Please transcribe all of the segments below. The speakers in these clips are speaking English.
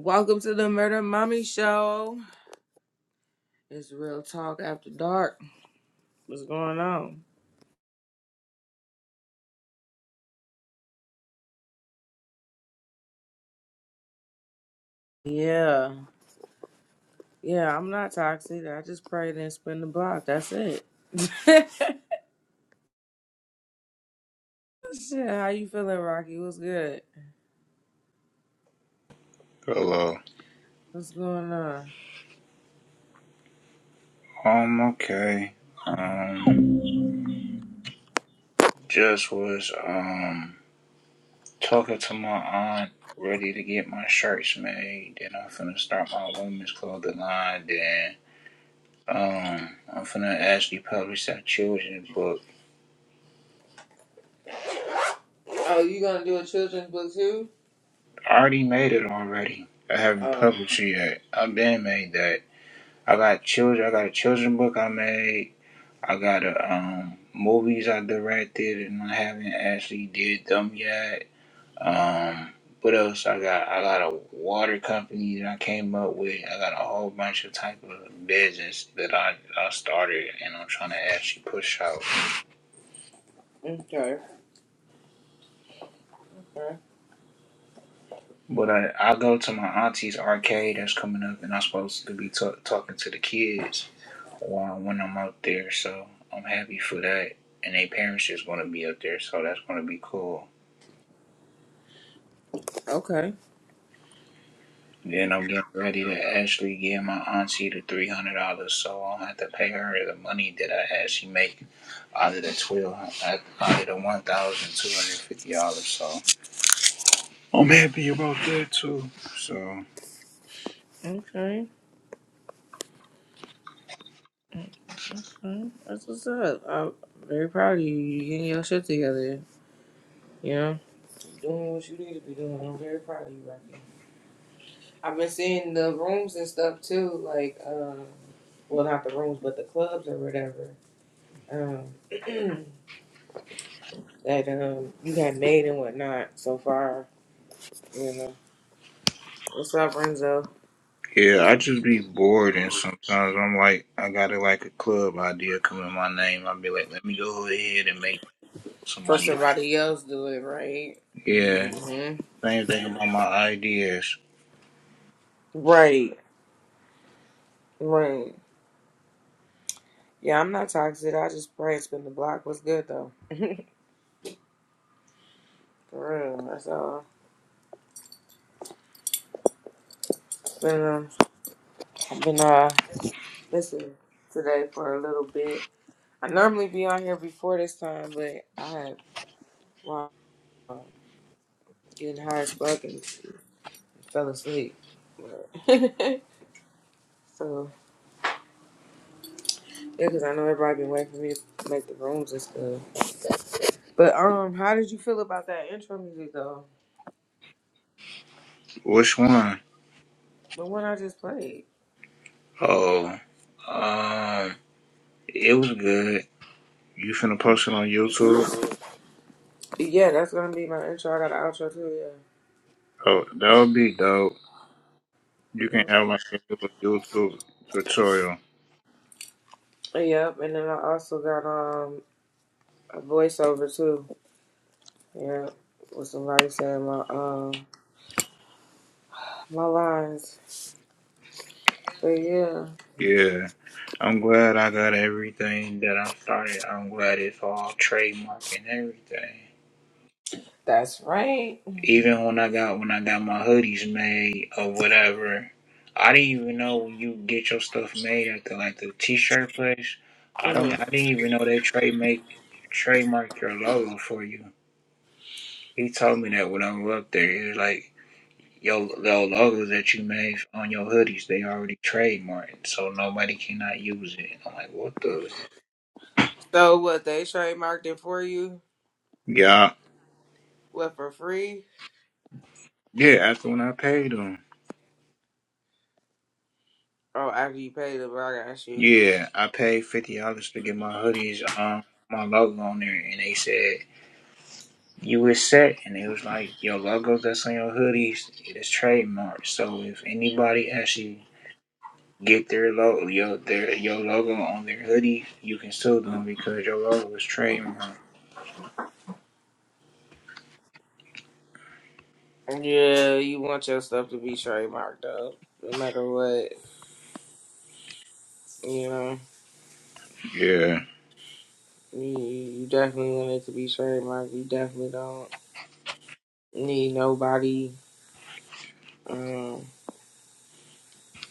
Welcome to the Murder Mommy Show. It's real talk after dark. What's going on? Yeah, yeah. I'm not toxic. I just prayed and spin the block. That's it. Shit, how you feeling, Rocky? What's good? Hello. What's going on? Um, okay. Um, just was, um, talking to my aunt, ready to get my shirts made. Then I'm finna start my women's clothing line. Then, um, I'm finna actually publish that children's book. Oh, you gonna do a children's book too? I already made it already. I haven't Oh, published it yet. I've been made that. I got children, I got a children's book I made. I got a, um, movies I directed and I haven't actually did them yet. Um, what else I got? I got a water company that I came up with. I got a whole bunch of type of business that I, I started and I'm trying to actually push out. okay, okay, But I, I go to my auntie's arcade that's coming up and I'm supposed to be ta- talking to the kids while when I'm out there. So I'm happy for that. And their parents is going to be up there. So that's going to be cool. okay, Then I'm getting ready to actually give my auntie the $300 so I don't have to pay her the money that I actually make Other than twelve, I other than one thousand two hundred fifty dollars. So I'm happy about that too. So okay. Mm, That's what's up. I'm very proud of you. You getting your shit together. You know, doing what you need to be doing. I'm very proud of you, Rocky. I've been seeing the rooms and stuff too, like um, well, not the rooms, but the clubs or whatever um, that um you had made and whatnot so far. You know, what's up, Renzo? yeah, I just be bored, and sometimes I'm like, I got it like a club idea come in my name. I'll be like, let me go ahead and make For somebody. Else. somebody else do it, right? Yeah, hmm same thing about my ideas. Right, right. Yeah, I'm not toxic. I just pray it's the block. What's good though? For real, that's all. Been um, I've been uh missing today for a little bit. I normally be on here before this time, but I have. um, getting high as fuck and fell asleep. But so yeah, because I know everybody been waiting for me to make the rooms and stuff. But um, how did you feel about that intro music though? Which one? The one I just played. Oh, um, it was good. You finna post it on YouTube? Yeah, that's gonna be my intro. I got an outro too. Yeah. Oh, that would be dope. You can Yep. have like a little YouTube tutorial Yep, And then I also got um a voiceover too. Yeah. With somebody saying my um my lines. But yeah, Yeah, I'm glad I got everything that I started. I'm glad it's all trademark and everything. that's right. Even when I got when I got my hoodies made or whatever, I didn't even know when you get your stuff made at the like the t-shirt place. I don't. Mhm. I didn't even know they trade make trademark your logo for you. He told me that when I was up there. He was like, "Yo, the logos that you made on your hoodies, they already trademarked, so nobody cannot use it." I'm like, "What the?" heck?" So what they trademarked it for you? yeah. What for free? Yeah, after when I paid them. Oh, after you pay them, I got you. Yeah, I paid fifty dollars to get my hoodies, um, my logo on there, and they said you were set, and it was like your logos that's on your hoodies, it is trademarked. So if anybody actually get their logo, your their your logo on their hoodies, you can sue them because your logo is trademarked. Yeah, you want your stuff to be trademarked though, no matter what. You know, Yeah, you, you definitely want it to be trademarked. You definitely don't need nobody um,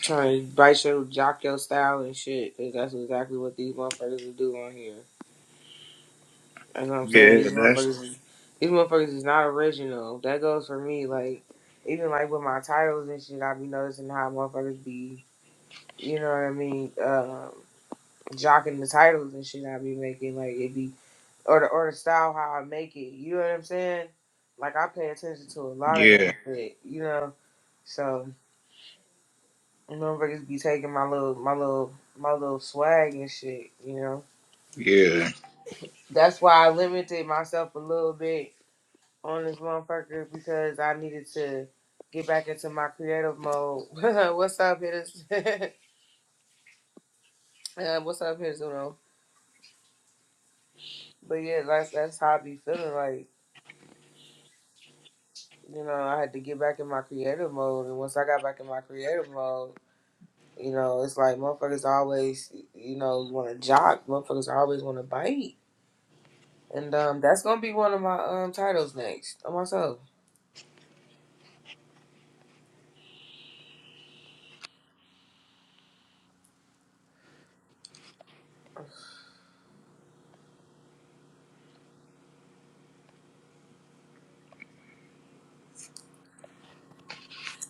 trying to bite your jock your style and shit because that's exactly what these motherfuckers will do on here. That's what I'm saying. yeah, These that's motherfuckers, these motherfuckers is not original. That goes for me. Like even like with my titles and shit, I be noticing how motherfuckers be. You know what I mean? Um, jocking the titles and shit I be making, like it be or the or the style how I make it. You know what I'm saying? Like I pay attention to a lot of that yeah, shit, you know. So motherfuckers be taking my little my little my little swag and shit, you know. yeah. That's why I limited myself a little bit on this motherfucker because I needed to get back into my creative mode. what's up, hitters? uh, what's up, hitters? You know. But yeah, that's that's how I be feeling like. you know, I had to get back in my creative mode. And once I got back in my creative mode, you know, it's like motherfuckers always, you know, want to jock. Motherfuckers always want to bite. And um, that's gonna be one of my um titles next on myself.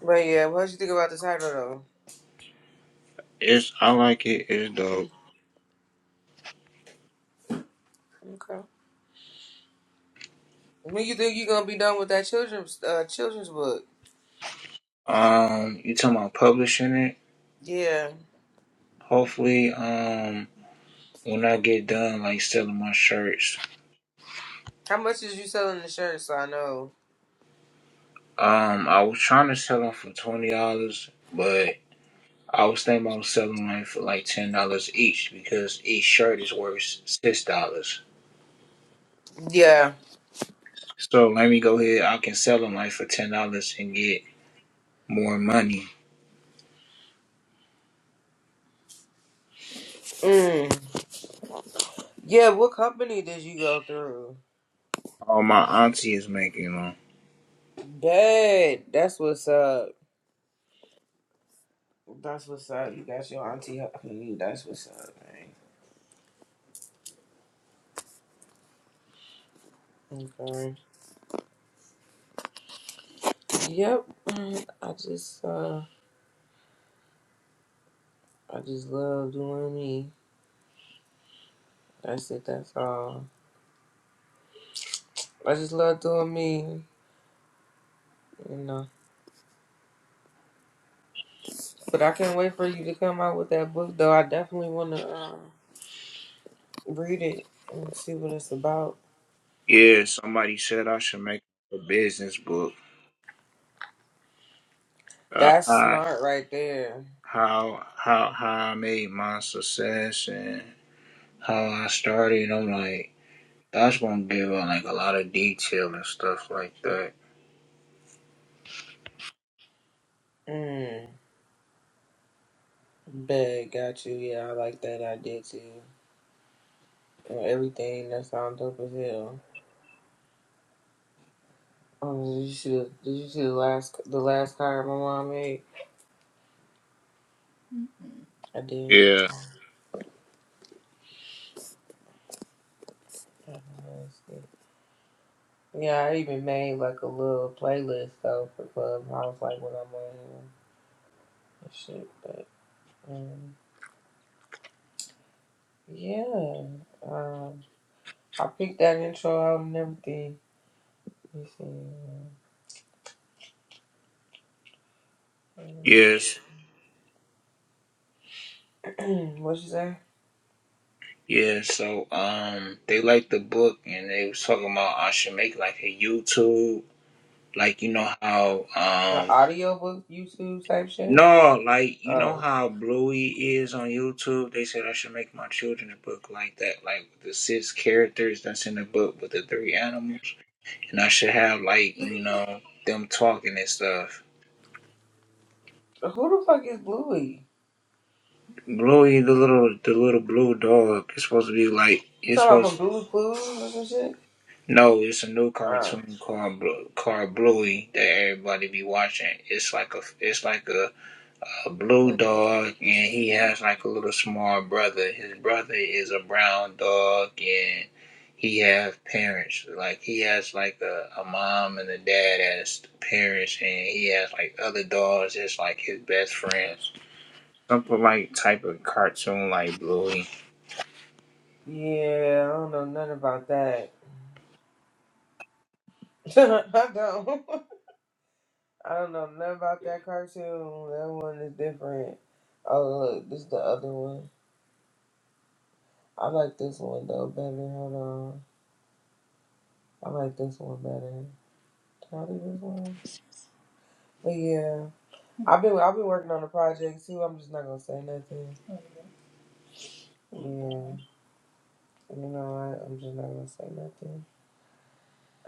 But yeah, what you think about the title It's I like it. It's though? Mm, dope. Okay. When you think you're gonna be done with that children's uh, children's book? Um, you talking about publishing it? Yeah. Hopefully, um. when I get done like selling my shirts. How much is you selling the shirt? So I know. Um, I was trying to sell them for twenty dollars, but I was thinking about selling them for like ten dollars each because each shirt is worth six dollars. Yeah. So let me go ahead. I can sell them like for ten dollars and get more money. Mm. Yeah. What company did you go through? All my auntie is making them. Dad, that's what's up. That's what's up. You got your auntie helping you. That's what's up, man. Okay. Yep. Mm, I just uh I just love doing me. That's it, that's all. I just love doing me, you know. But I can't wait for you to come out with that book though. I definitely wanna um read it and see what it's about. Yeah, somebody said I should make a business book. Uh, That's how smart right there. how how how I made my success and how I started. I'm like. That's gonna give her like a lot of detail and stuff like that. Mm. Bet got you, yeah, I like that idea too. And everything that sounds dope as hell. Oh, did you see the Did you see the last the last card my mom made? I did. Yeah. Uh, let's see. Yeah, I even made like a little playlist though for Clubhouse, like when I'm on here and shit. But um, yeah, um, I picked that intro out and everything. Let me see. Yes. um, what you say? Yeah, so um they liked the book and they was talking about I should make like a YouTube like you know how The um audiobook YouTube type shit. no, like you know Oh, how Bluey is on YouTube? They said I should make my children's book like that, like with the six characters that's in the book with the three animals. And I should have like, you know, them talking and stuff. who the fuck is Bluey? Bluey the little the little blue dog It's supposed to be like You it's talking about from supposed Bluey Clues or some shit? no, it's a new Oh. cartoon called called Bluey that everybody be watching. It's like a it's like a, a blue dog and he has like a little small brother. His brother is a brown dog and he has parents. Like he has like a, a mom and a dad as parents and he has like other dogs that's like his best friends. Something like type of cartoon like Bluey Yeah, I don't know nothing about that. I don't. I don't know nothing about that cartoon. That one is different. Oh look, this is the other one. I like this one though better. Hold on, I like this one better. Can I do this one? But yeah, I've been I've been working on a project too. I'm just not gonna say nothing. Yeah, you know what? I'm just not gonna say nothing.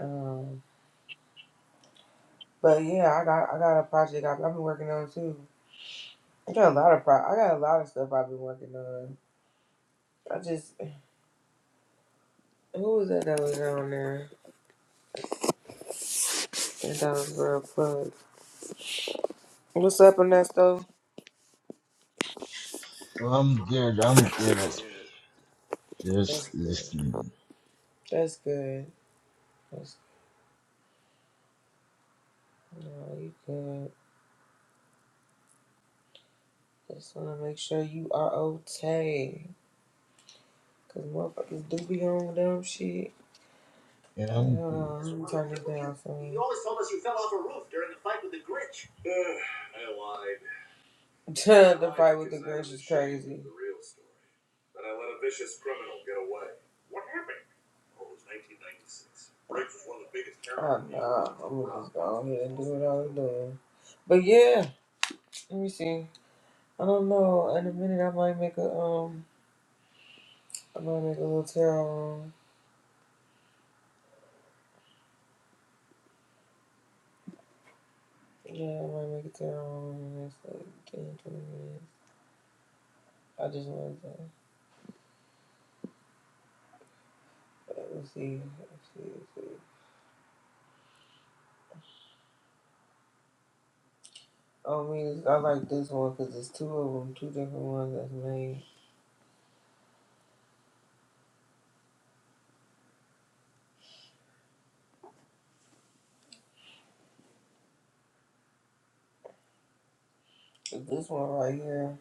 Um, but yeah, I got I got a project I've, I've been working on too. I got a lot of pro- I got a lot of stuff I've been working on. I just who was that that was on there? That dog was real plug. What's up, Ernesto? I'm good. I'm good. That's Just good. listening. That's good. That's no, you good. Just wanna make sure you are okay. Cause motherfuckers do be on dumb shit. Yeah, All right, I'm hold good. on, let me turn this down for me. You always told us you fell off a roof during the fight with the Grinch. I lied. the fight with the Grinch is crazy. The real story. That I let a vicious criminal get away. What happened? Oh no, I'm gonna just go ahead and do what I was doing. But yeah, let me see. I don't know. In a minute, I might make a um, I might make a little tarot room. Yeah, I might make a tarot room in the next like 10, 20 minutes. I just wanted to, but we'll see. We'll see. We'll see. I mean, I like this one because it's two of them, two different ones that's made. But this one right here.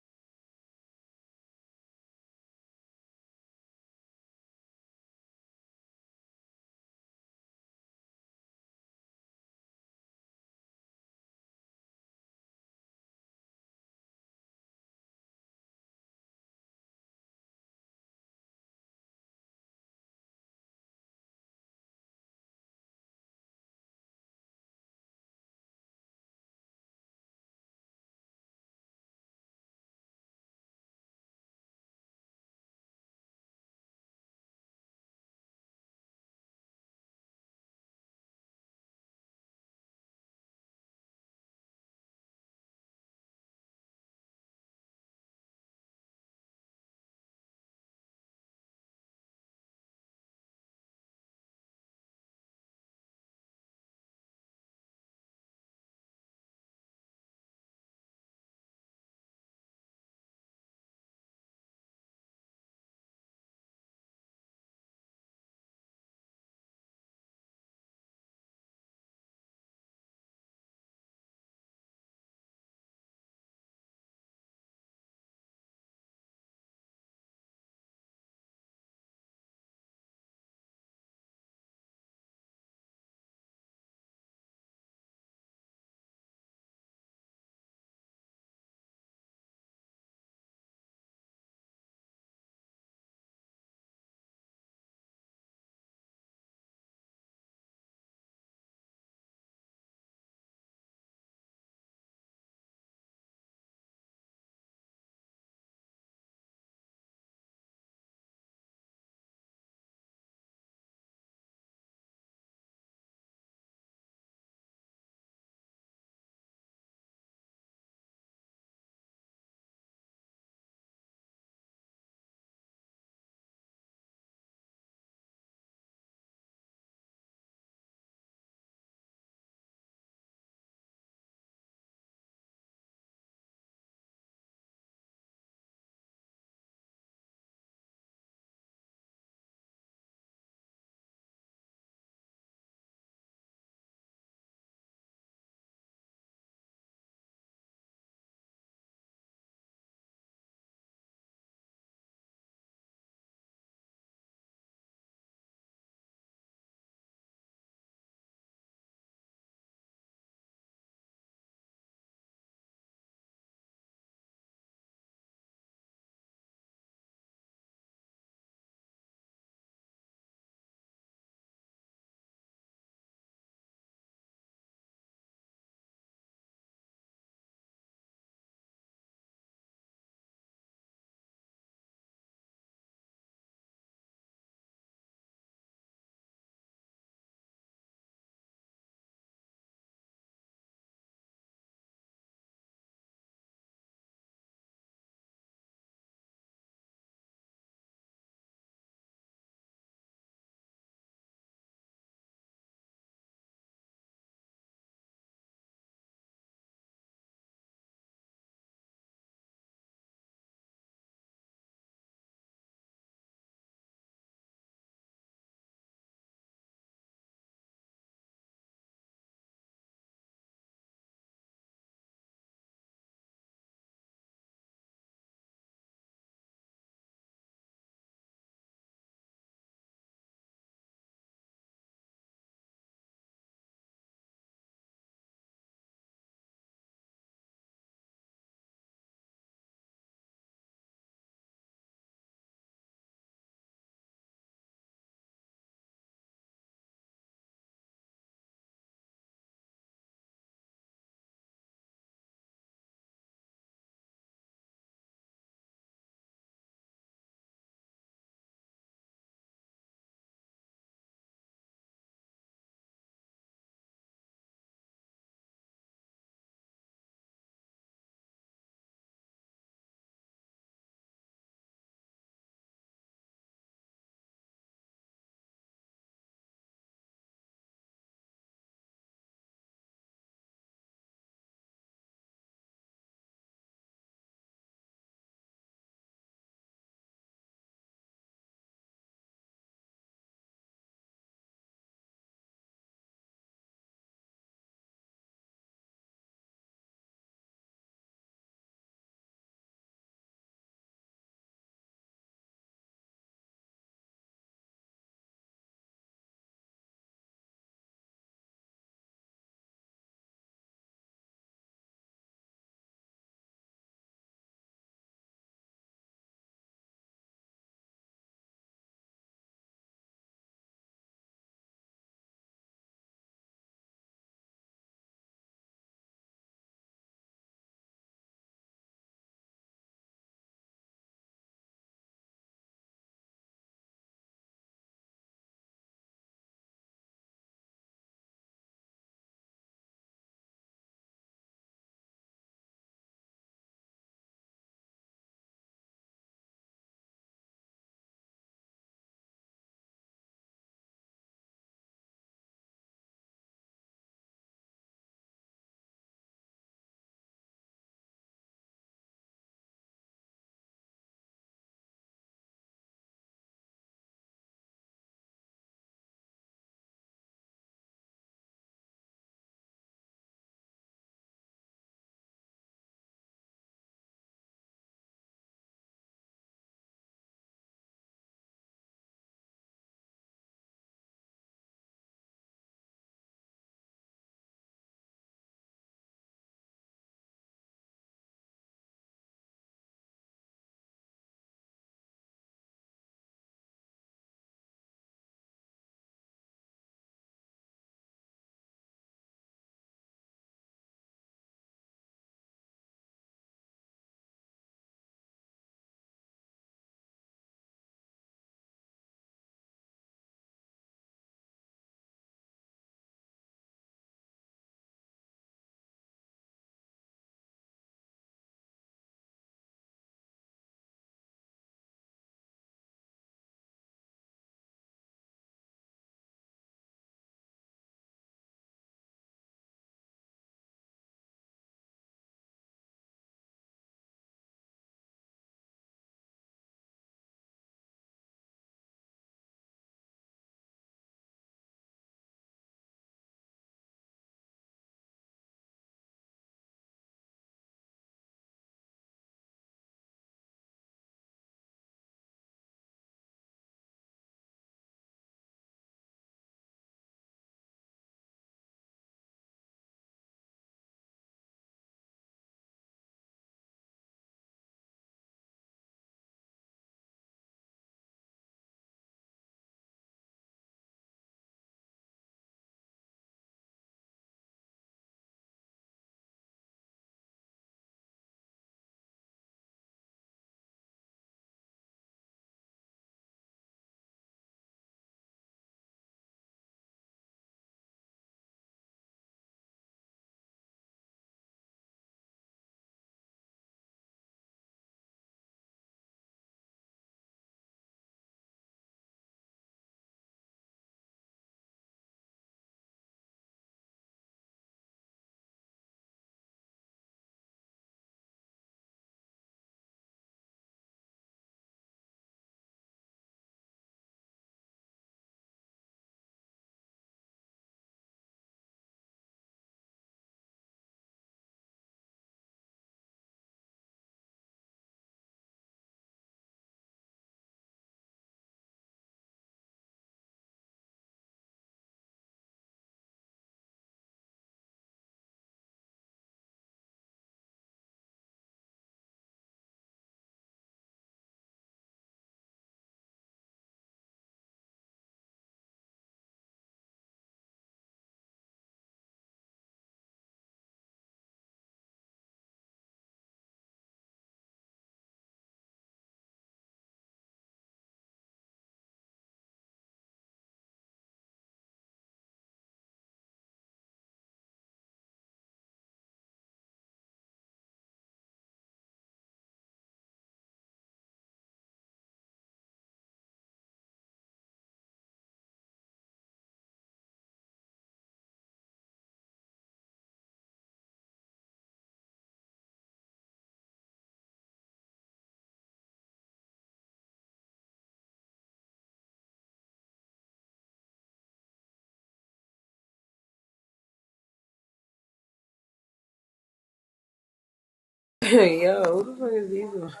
Okay. Yo, who the fuck is these? one?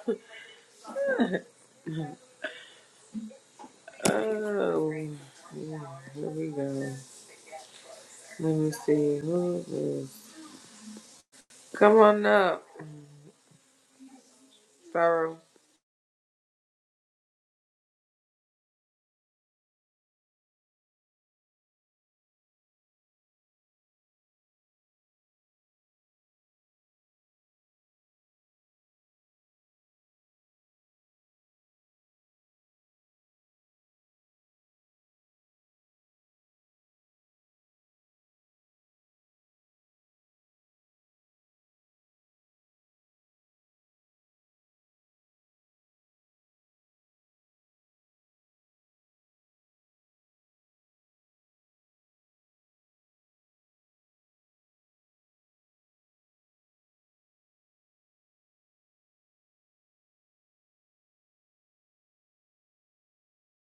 Oh, yeah, here we go. Let me see. Who is this? Come on up, Pharaoh.